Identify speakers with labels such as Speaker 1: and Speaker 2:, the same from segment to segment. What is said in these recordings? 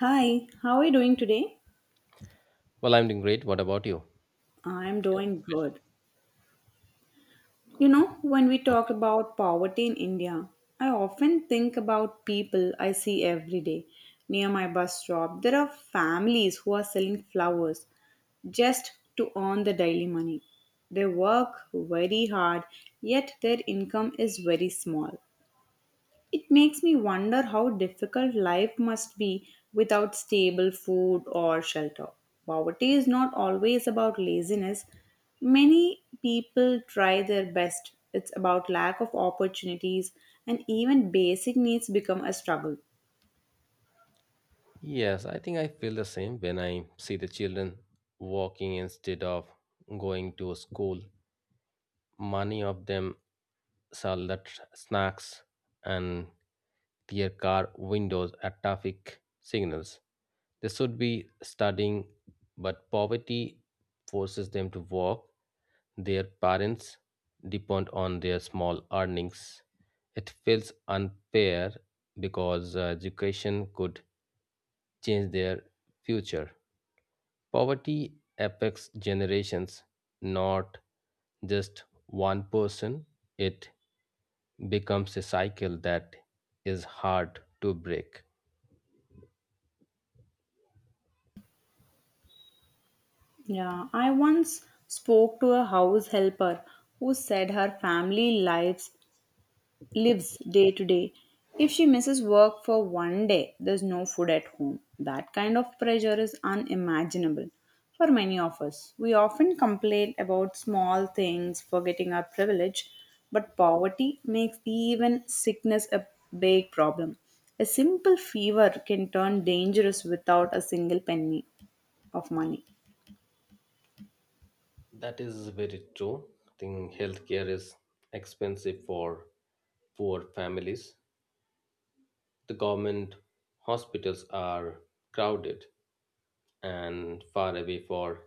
Speaker 1: Hi, how are you doing today?
Speaker 2: Well, I'm doing great. What about you?
Speaker 1: I'm
Speaker 2: Anything
Speaker 1: doing
Speaker 2: special?
Speaker 1: good. When we talk
Speaker 2: Okay.
Speaker 1: about poverty in India, I often think about people I see every day. Near my bus stop, there are families who are selling flowers just to earn the daily money. They work very hard, yet their income is very small. It makes me wonder how difficult life must be without stable food or shelter. Poverty is not always about laziness. Many people try their best. It's about lack of opportunities and even basic needs become a struggle.
Speaker 2: Yes, I think I feel the same when I see the children walking instead of going to school. Many of them sell snacks and their car windows at traffic signals. They should be studying, but poverty forces them to walk. Their parents depend on their small earnings. It feels unfair because education could change their future. Poverty affects generations, not just one person. It becomes a cycle that is hard to break.
Speaker 1: Yeah, I once spoke to a house helper who said her family lives day to day. If she misses work for one day, there's no food at home. That kind of pressure is unimaginable for many of us. We often complain about small things, forgetting our privilege, but poverty makes even sickness a big problem. A simple fever can turn dangerous without a single penny of money.
Speaker 2: That is very true. I think healthcare is expensive for poor families. The government hospitals are crowded and far away for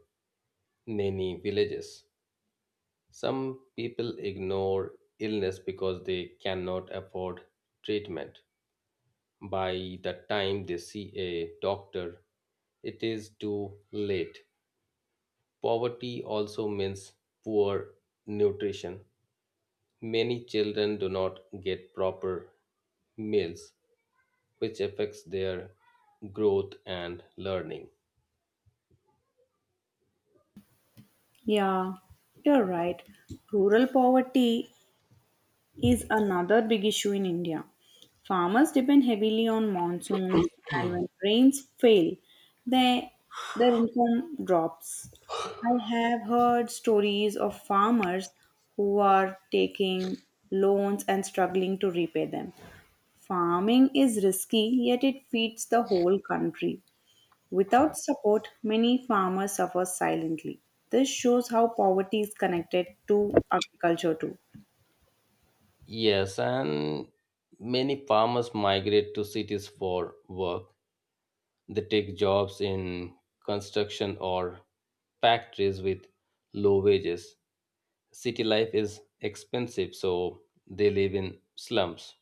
Speaker 2: many villages. Some people ignore illness because they cannot afford treatment. By the time they see a doctor, it is too late. Poverty also means poor nutrition. Many children do not get proper meals, which affects their growth and learning.
Speaker 1: Yeah, you're right. Rural poverty is another big issue in India. Farmers depend heavily on monsoons, and when rains fail, they, their income drops. I have heard stories of farmers who are taking loans and struggling to repay them. Farming is risky, yet it feeds the whole country. Without support, many farmers suffer silently. This shows how poverty is connected to agriculture too.
Speaker 2: Yes, and many farmers migrate to cities for work. They take jobs in construction or factories with low wages. City life is expensive, so they live in slums.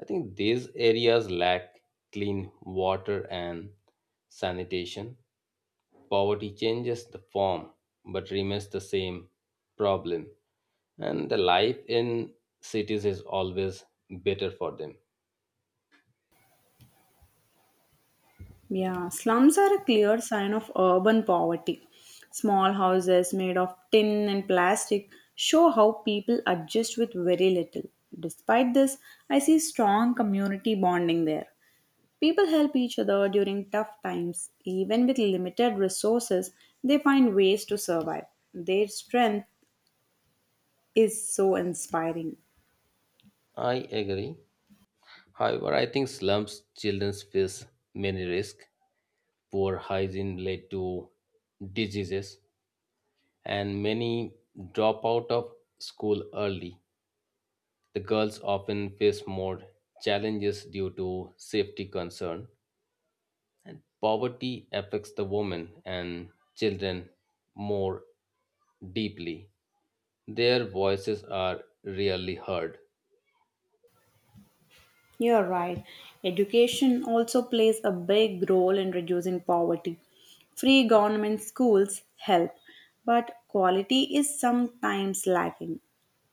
Speaker 2: I think these areas lack clean water and sanitation. Poverty changes the form but remains the same problem. And the life in cities is always better for them.
Speaker 1: Yeah, slums are a clear sign of urban poverty. Small houses made of tin and plastic show how people adjust with very little. Despite this, I see strong community bonding there. People help each other during tough times. Even with limited resources, they find ways to survive. Their strength is so inspiring.
Speaker 2: I agree. However, I think slums children face many risks. Poor hygiene led to diseases, and many drop out of school early. The girls often face more challenges due to safety concern, and poverty affects the women and children more deeply. Their voices are rarely heard.
Speaker 1: You're right. Education also plays a big role in reducing poverty. Free government schools help, but quality is sometimes lacking.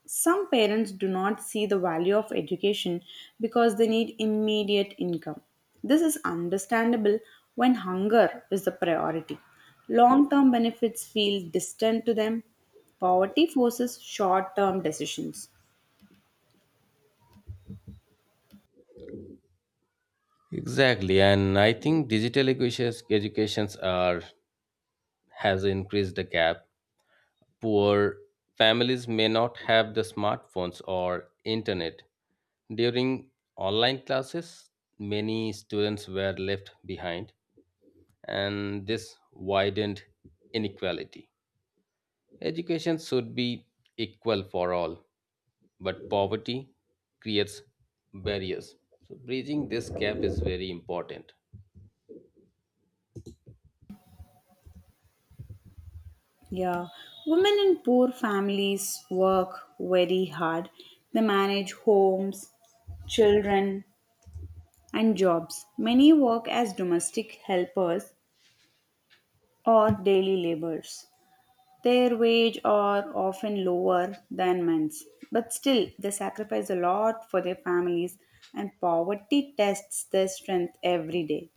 Speaker 1: Some parents do not see the value of education because they need immediate income. This is understandable when hunger is the priority. Long term benefits feel distant to them. Poverty forces short term decisions.
Speaker 2: Exactly, and I think digital educations educations are has increased the gap. Poor families may not have the smartphones or internet. During online classes, many students were left behind, and this widened inequality. Education should be equal for all, but poverty creates barriers. So, bridging this gap is very important.
Speaker 1: Yeah, women in poor families work very hard. They manage homes, children, and jobs. Many work as domestic helpers or daily laborers. Their wage are often lower than men's, but still they sacrifice a lot for their families and poverty tests their strength every day.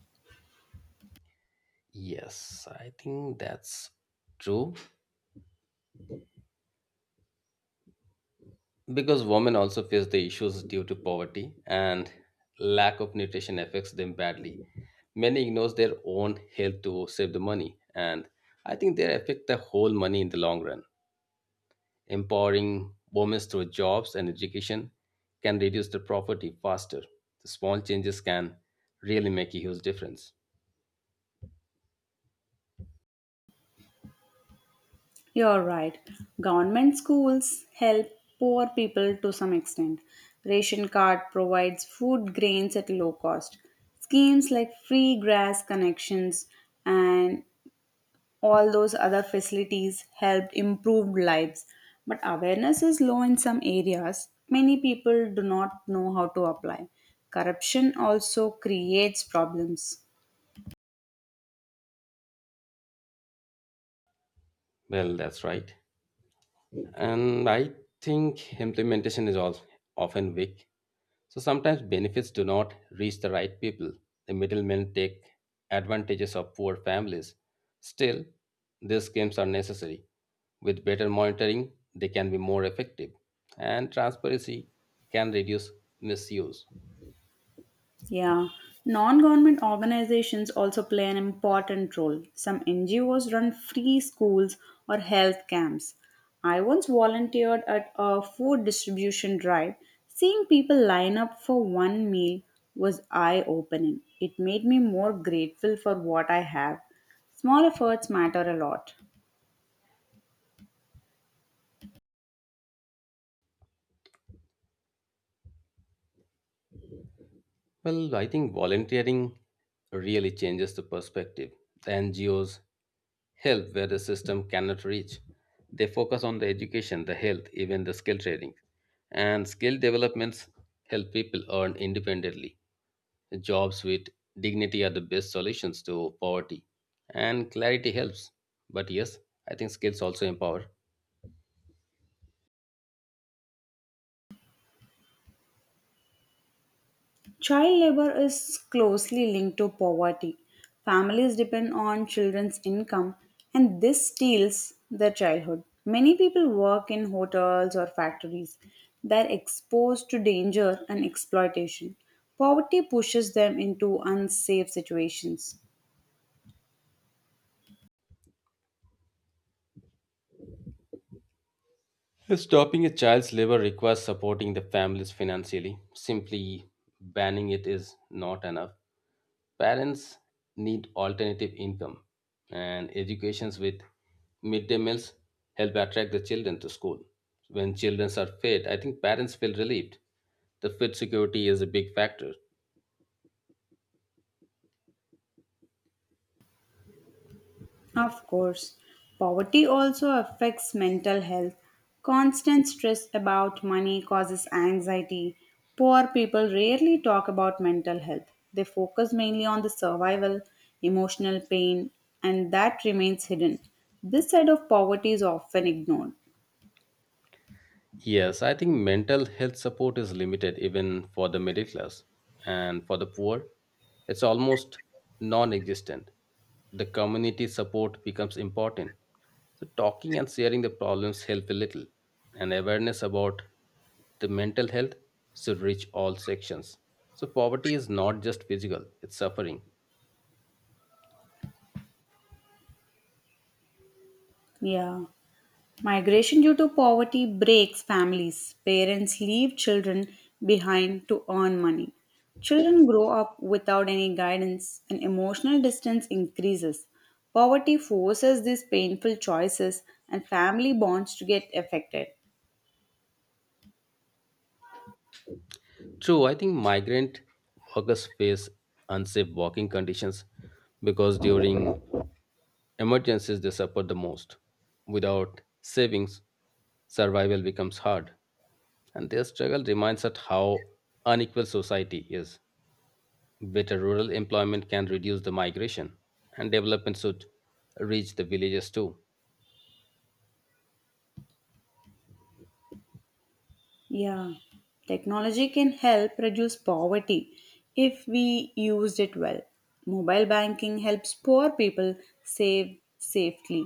Speaker 2: Yes, I think that's true. Because women also face the issues due to poverty and lack of nutrition affects them badly. Many ignores their own health to save the money, and I think they affect the whole money in the long run. Empowering women through jobs and education can reduce the poverty faster. The small changes can really make a huge difference.
Speaker 1: You're right. Government schools help poor people to some extent. Ration card provides food grains at low cost. Schemes like free grass connections and all those other facilities helped improve lives. But awareness is low in some areas. Many people do not know how to apply. Corruption also creates problems.
Speaker 2: Well, that's right. And I think implementation is all often weak. So sometimes benefits do not reach the right people. The middlemen take advantages of poor families. Still, these schemes are necessary. With better monitoring, they can be more effective, and transparency can reduce misuse.
Speaker 1: Yeah, non government organizations also play an important role. Some NGOs run free schools or health camps. I once volunteered at a food distribution drive. Seeing people line up for one meal was eye opening. It made me more grateful for what I have. Small efforts matter a lot.
Speaker 2: Well, I think volunteering really changes the perspective. The NGOs help where the system cannot reach. They focus on the education, the health, even the skill training. And skill developments help people earn independently. Jobs with dignity are the best solutions to poverty, and clarity helps. But yes, I think skills also empower.
Speaker 1: Child labor is closely linked to poverty. Families depend on children's income, and this steals their childhood. Many people work in hotels or factories. They're exposed to danger and exploitation. Poverty pushes them into unsafe situations.
Speaker 2: Stopping a child's labor requires supporting the families financially. Simply banning it is not enough. Parents need alternative income, and educations with midday meals help attract the children to school. When children are fed, I think parents feel relieved. The food security is a big factor.
Speaker 1: Of course, poverty also affects mental health. Constant stress about money causes anxiety. Poor people rarely talk about mental health. They focus mainly on the survival, emotional pain, and that remains hidden. This side of poverty is often ignored.
Speaker 2: Yes, I think mental health support is limited even for the middle class and for the poor. It's almost non existent. The community support becomes important. So, talking and sharing the problems help a little, and awareness about the mental health should reach all sections. So, poverty is not just physical, it's suffering.
Speaker 1: Yeah. Migration due to poverty breaks families. Parents leave children behind to earn money. Children grow up without any guidance and emotional distance increases. Poverty forces these painful choices and family bonds to get affected.
Speaker 2: True, I think migrant workers face unsafe working conditions because during emergencies they suffer the most. Without savings, survival becomes hard. And their struggle reminds us how unequal society is. Better rural employment can reduce the migration, and development should reach the villages too.
Speaker 1: Yeah, technology can help reduce poverty if we used it well. Mobile banking helps poor people save safely.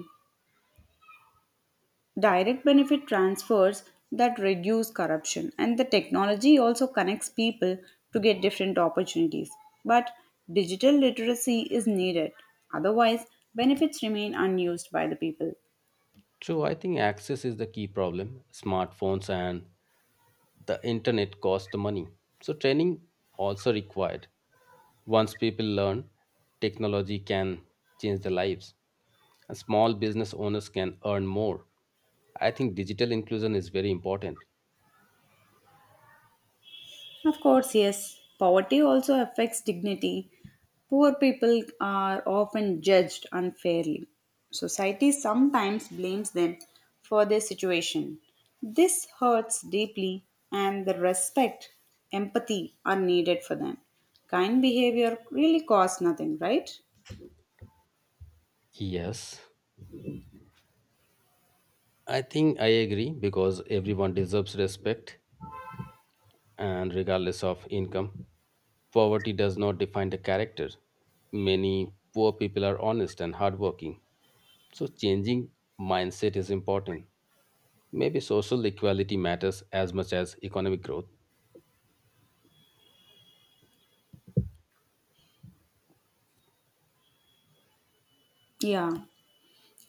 Speaker 1: Direct benefit transfers that reduce corruption and the technology also connects people to get different opportunities, but digital literacy is needed, otherwise benefits remain unused by the people.
Speaker 2: So I think access is the key problem. Smartphones and the internet cost the money. So training also required. Once people learn technology can change their lives, and small business owners can earn more. I think digital inclusion is very important.
Speaker 1: Of course, yes. Poverty also affects dignity. Poor people are often judged unfairly. Society sometimes blames them for their situation. This hurts deeply, and the respect, empathy are needed for them. Kind behavior really costs nothing, right?
Speaker 2: Yes, I think I agree because everyone deserves respect and regardless of income. Poverty does not define the character. Many poor people are honest and hardworking. So, changing mindset is important. Maybe social equality matters as much as economic growth.
Speaker 1: Yeah.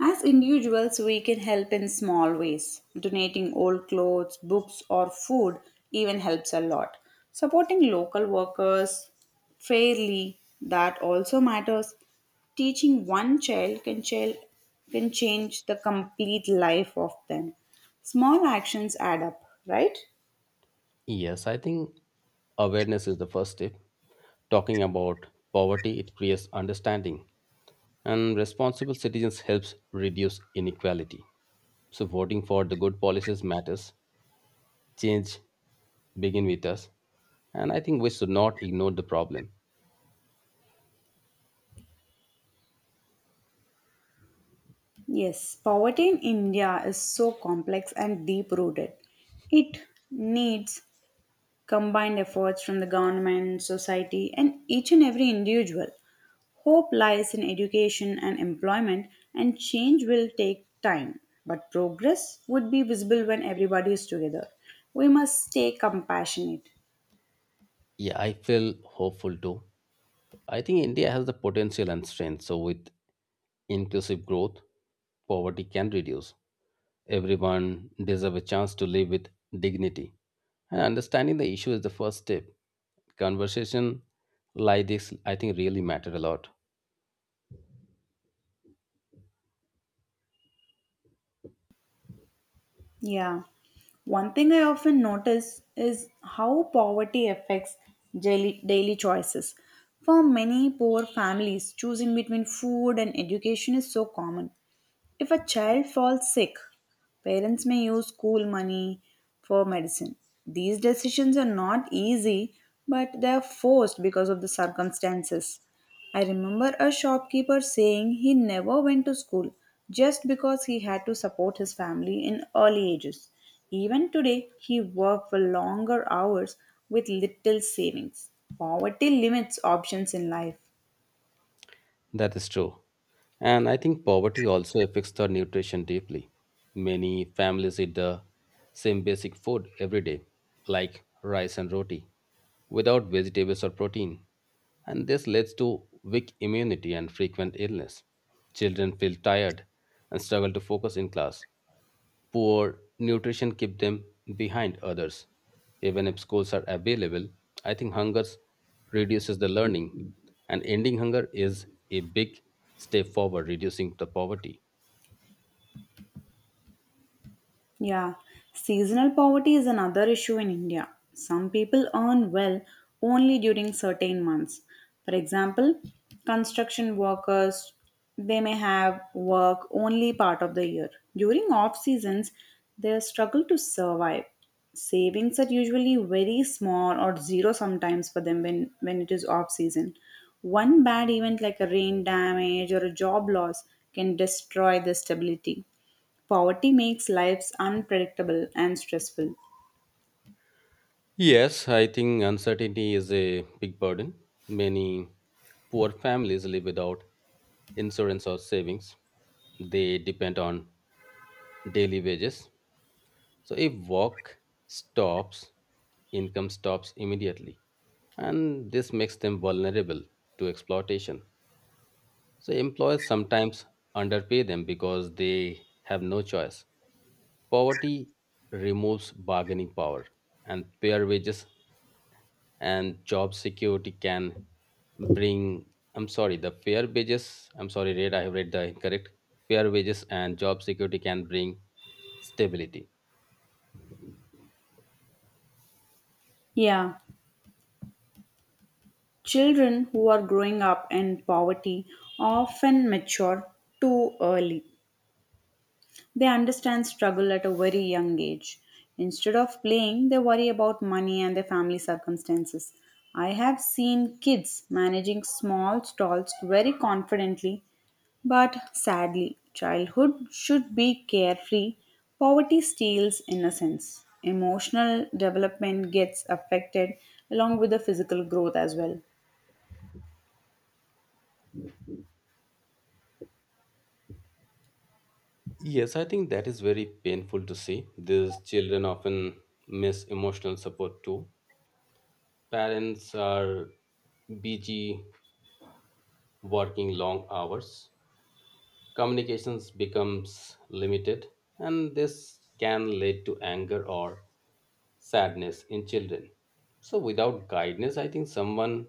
Speaker 1: As individuals, we can help in small ways. Donating old clothes, books, or food even helps a lot. Supporting local workers fairly, that also matters. Teaching one child can change the complete life of them. Small actions add up, right?
Speaker 2: Yes, I think awareness is the first step. Talking about poverty, it creates understanding, and responsible citizens helps reduce inequality. So voting for the good policies matters. Change begin with us, and I think we should not ignore the problem.
Speaker 1: Yes, poverty in India is so complex and deep rooted. It needs combined efforts from the government, society, and each and every individual. Hope lies in education and employment, and change will take time. But progress would be visible when everybody is together. We must stay compassionate.
Speaker 2: Yeah, I feel hopeful too. I think India has the potential and strength. So with inclusive growth, poverty can reduce. Everyone deserves a chance to live with dignity. And understanding the issue is the first step. Conversation like this, I think, really matter a lot.
Speaker 1: Yeah. One thing I often notice is how poverty affects daily choices. For many poor families, choosing between food and education is so common. If a child falls sick, parents may use school money for medicine. These decisions are not easy, but they are forced because of the circumstances. I remember a shopkeeper saying he never went to school just because he had to support his family in early ages. Even today, he worked for longer hours with little savings. Poverty limits options in life.
Speaker 2: That is true. And I think poverty also affects the nutrition deeply. Many families eat the same basic food every day, like rice and roti, without vegetables or protein. And this leads to weak immunity and frequent illness. Children feel tired and struggle to focus in class. Poor nutrition keep them behind others. Even if schools are available, I think hunger reduces the learning, and ending hunger is a big step forward, reducing the poverty.
Speaker 1: Yeah, seasonal poverty is another issue in India. Some people earn well only during certain months. For example, construction workers they may have work only part of the year. During off seasons, they struggle to survive. Savings are usually very small or zero sometimes for them when it is off season. One bad event like a rain damage or a job loss can destroy the stability. Poverty makes lives unpredictable and stressful.
Speaker 2: Yes, I think uncertainty is a big burden. Many poor families live without insurance or savings. They depend on daily wages. So if work stops, income stops immediately, and this makes them vulnerable to exploitation. So, employers sometimes underpay them because they have no choice. Poverty removes bargaining power, and fair wages and job security can bring. I'm sorry, the fair wages. I'm sorry, Red, I have read the incorrect. Fair wages and job security can bring stability.
Speaker 1: Yeah, children who are growing up in poverty often mature too early. They understand struggle at a very young age. Instead of playing, they worry about money and their family circumstances. I have seen kids managing small stalls very confidently. But sadly, childhood should be carefree. Poverty steals innocence. Emotional development gets affected along with the physical growth as well.
Speaker 2: Yes, I think that is very painful to see. These children often miss emotional support too. Parents are busy working long hours. Communications becomes limited and this can lead to anger or sadness in children. So without guidance, I think someone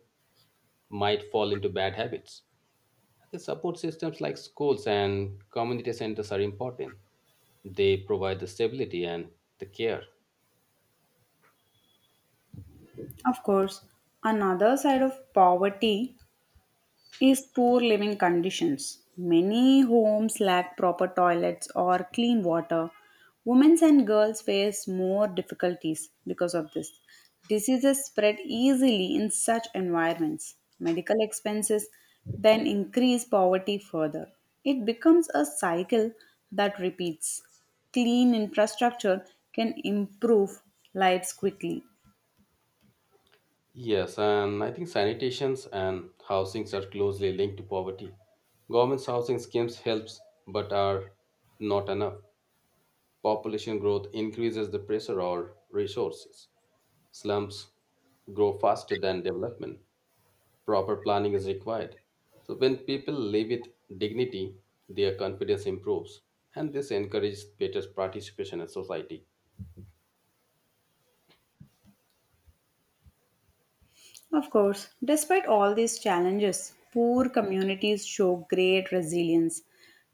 Speaker 2: might fall into bad habits. The support systems like schools and community centers are important. They provide the stability and the care.
Speaker 1: Of course, another side of poverty is poor living conditions. Many homes lack proper toilets or clean water. Women and girls face more difficulties because of this. Diseases spread easily in such environments. Medical expenses then increase poverty further. It becomes a cycle that repeats. Clean infrastructure can improve lives quickly.
Speaker 2: Yes, and I think sanitations and housings are closely linked to poverty. Government's housing schemes helps but are not enough. Population growth increases the pressure on resources. Slums grow faster than development. Proper planning is required. So when people live with dignity, their confidence improves and this encourages better participation in society.
Speaker 1: Of course, despite all these challenges, poor communities show great resilience.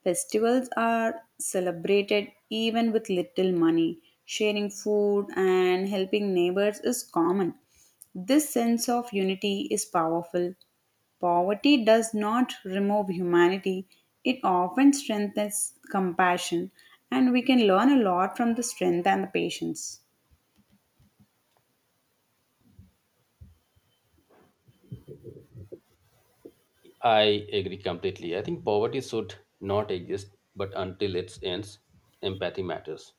Speaker 1: Festivals are celebrated even with little money. Sharing food and helping neighbors is common. This sense of unity is powerful. Poverty does not remove humanity, it often strengthens compassion, and we can learn a lot from the strength and the patience.
Speaker 2: I agree completely. I think poverty should not exist, but until it ends, empathy matters.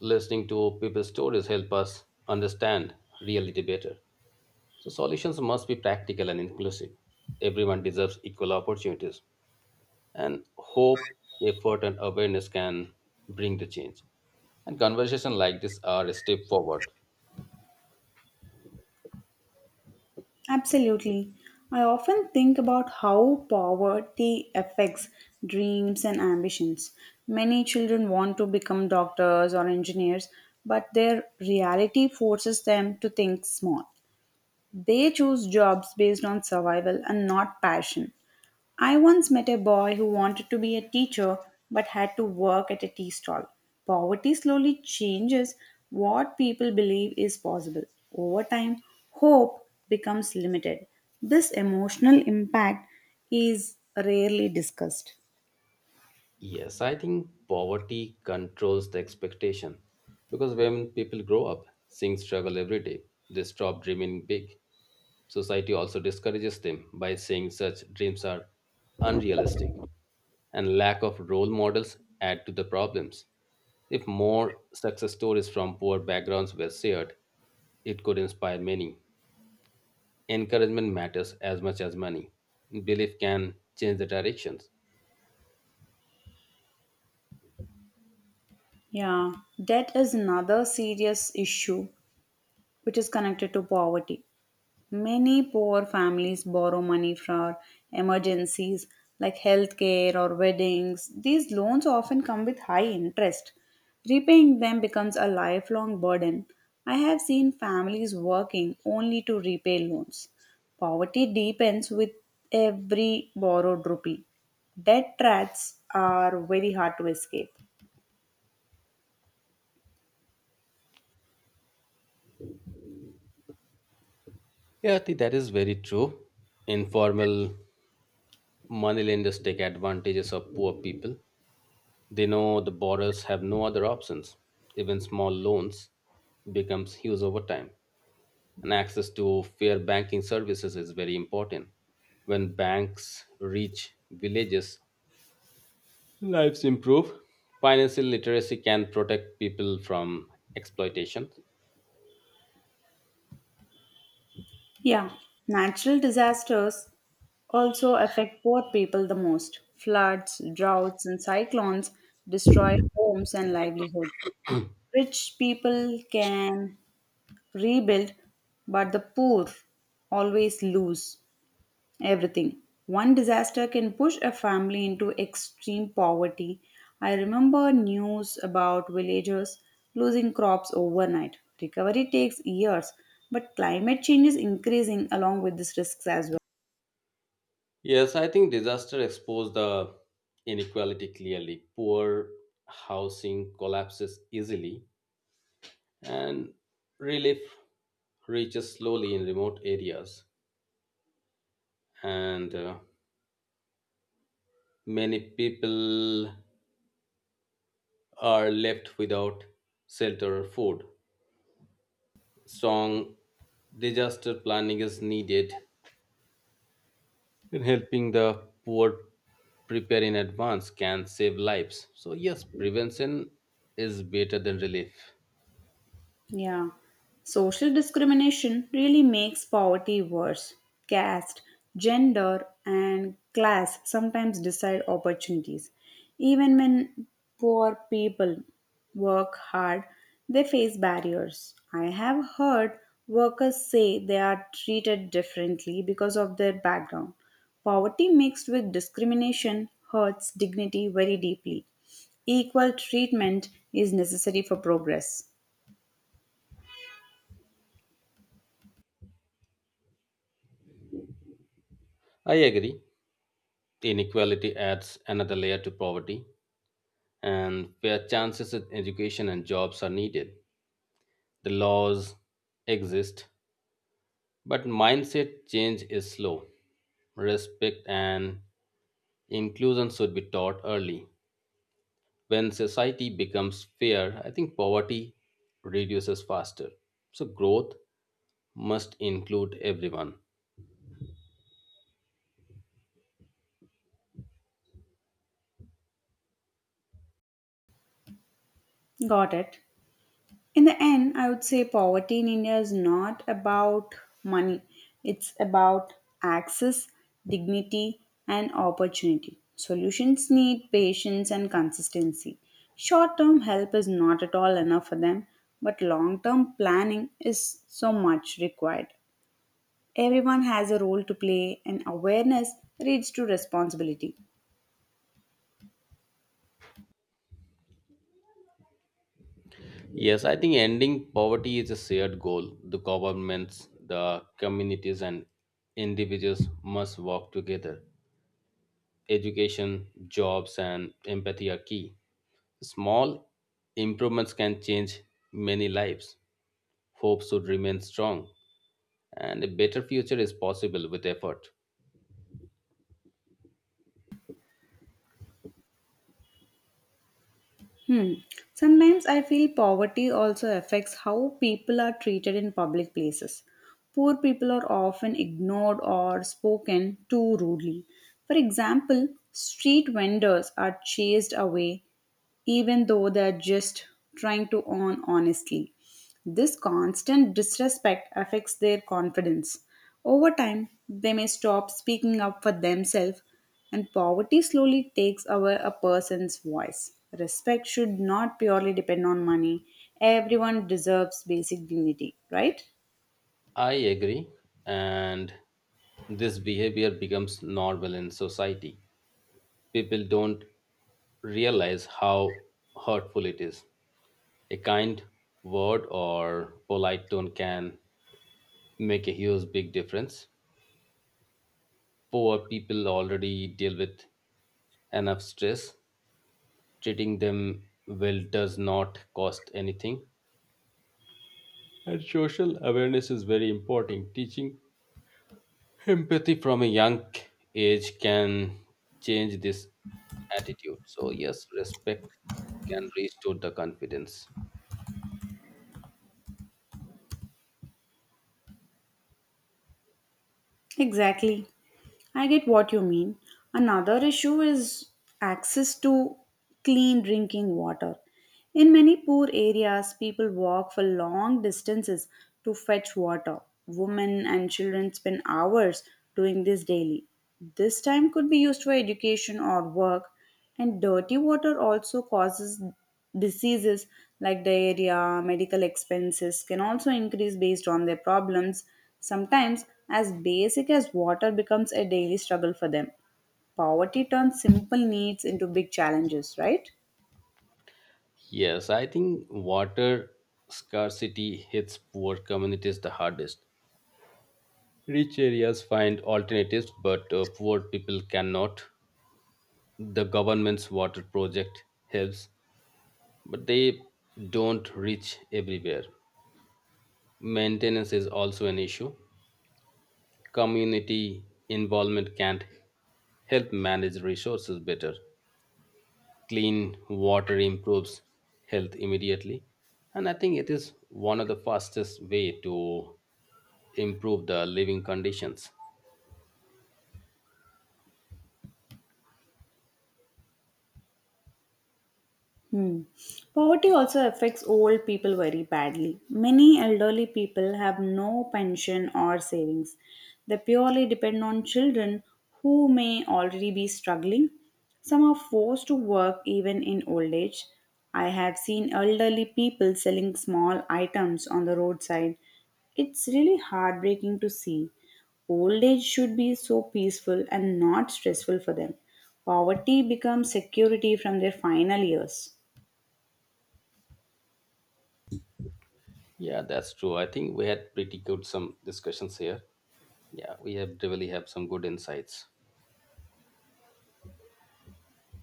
Speaker 2: Listening to people's stories help us understand reality better. So solutions must be practical and inclusive. Everyone deserves equal opportunities, and hope, effort, and awareness can bring the change. And conversations like this are a step forward.
Speaker 1: Absolutely. I often think about how poverty affects dreams and ambitions. Many children want to become doctors or engineers, but their reality forces them to think small. They choose jobs based on survival and not passion. I once met a boy who wanted to be a teacher but had to work at a tea stall. Poverty slowly changes what people believe is possible. Over time, hope becomes limited. This emotional impact is rarely discussed.
Speaker 2: Yes, I think poverty controls the expectation because when people grow up seeing struggle every day, they stop dreaming big. Society also discourages them by saying such dreams are unrealistic, and lack of role models add to the problems. If more success stories from poor backgrounds were shared, it could inspire many. Encouragement matters as much as money. Belief can change the directions.
Speaker 1: Yeah, debt is another serious issue which is connected to poverty. Many poor families borrow money for emergencies like healthcare or weddings. These loans often come with high interest. Repaying them becomes a lifelong burden. I have seen families working only to repay loans. Poverty deepens with every borrowed rupee. Debt traps are very hard to escape.
Speaker 2: Yeah, I think that is very true. Informal money lenders take advantages of poor people. They know the borrowers have no other options. Even small loans becomes huge over time. And access to fair banking services is very important. When banks reach villages, lives improve. Financial literacy can protect people from exploitation.
Speaker 1: Yeah, natural disasters also affect poor people the most. Floods, droughts, and cyclones destroy homes and livelihoods. Rich people can rebuild, but the poor always lose. Everything. One disaster can push a family into extreme poverty. I remember news about villagers losing crops overnight. Recovery takes years, but climate change is increasing along with these risks as well.
Speaker 2: Yes, I think disaster exposed the inequality clearly. Poor housing collapses easily and relief reaches slowly in remote areas, and many people are left without shelter or food. Strong disaster planning is needed in helping the poor prepare in advance can save lives, so yes, prevention is better than relief.
Speaker 1: Yeah. Social discrimination really makes poverty worse. Caste, gender, and class sometimes decide opportunities. Even when poor people work hard, they face barriers. I have heard workers say they are treated differently because of their background. Poverty mixed with discrimination hurts dignity very deeply. Equal treatment is necessary for progress.
Speaker 2: I agree, inequality adds another layer to poverty and fair chances in education and jobs are needed. The laws exist, but mindset change is slow. Respect and inclusion should be taught early. When society becomes fair, I think poverty reduces faster. So growth must include everyone.
Speaker 1: Got it. In the end, I would say poverty in India is not about money, it's about access, dignity, and opportunity. Solutions need patience and consistency. Short term help is not at all enough for them, but long term planning is so much required. Everyone has a role to play, and awareness leads to responsibility.
Speaker 2: Yes, I think ending poverty is a shared goal. The governments, the communities, and individuals must work together. Education, jobs, and empathy are key. Small improvements can change many lives. Hope should remain strong, and a better future is possible with effort.
Speaker 1: Hmm. Sometimes I feel poverty also affects how people are treated in public places. Poor people are often ignored or spoken to rudely. For example, street vendors are chased away, even though they're just trying to earn honestly. This constant disrespect affects their confidence. Over time, they may stop speaking up for themselves, and poverty slowly takes away a person's voice. Respect should not purely depend on money. Everyone deserves basic dignity, right?
Speaker 2: I agree, and this behavior becomes normal in society. People don't realize how hurtful it is. A kind word or polite tone can make a huge big difference. Poor people already deal with enough stress. Treating them well does not cost anything. And social awareness is very important. Teaching empathy from a young age can change this attitude. So, yes, respect can restore the confidence.
Speaker 1: Exactly. I get what you mean. Another issue is access to clean drinking water. In many poor areas, people walk for long distances to fetch water. Women and children spend hours doing this daily. This time could be used for education or work. And dirty water also causes diseases like diarrhea, medical expenses can also increase based on their problems. Sometimes, as basic as water becomes a daily struggle for them, poverty turns simple needs into big challenges, right?
Speaker 2: Yes, I think water scarcity hits poor communities the hardest. Rich areas find alternatives, but poor people cannot. The government's water project helps, but they don't reach everywhere. Maintenance is also an issue. Community involvement can help manage resources better. Clean water improves health immediately, and I think it is one of the fastest way to improve the living conditions.
Speaker 1: Hmm. Poverty also affects old people very badly. Many elderly people have no pension or savings. They purely depend on children who may already be struggling. Some are forced to work even in old age. I have seen elderly people selling small items on the roadside. It's really heartbreaking to see. Old age should be so peaceful and not stressful for them. Poverty becomes security from their final years.
Speaker 2: Yeah, that's true. I think we had pretty good some discussions here. Yeah, we have really have some good insights.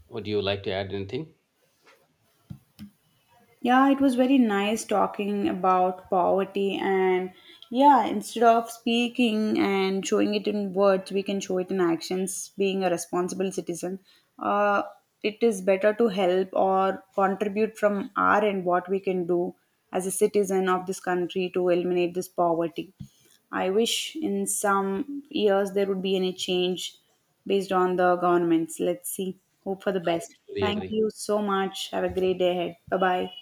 Speaker 2: Would you like to add anything?
Speaker 1: Yeah, it was very nice talking about poverty, and yeah, instead of speaking and showing it in words, we can show it in actions, being a responsible citizen. Uh, it is better to help or contribute from our end what we can do as a citizen of this country to eliminate this poverty. I wish in some years there would be any change based on the governments. Let's see. Hope for the
Speaker 2: I
Speaker 1: best.
Speaker 2: totally
Speaker 1: Thank
Speaker 2: agree.
Speaker 1: you so much. Have a great day ahead. Bye bye.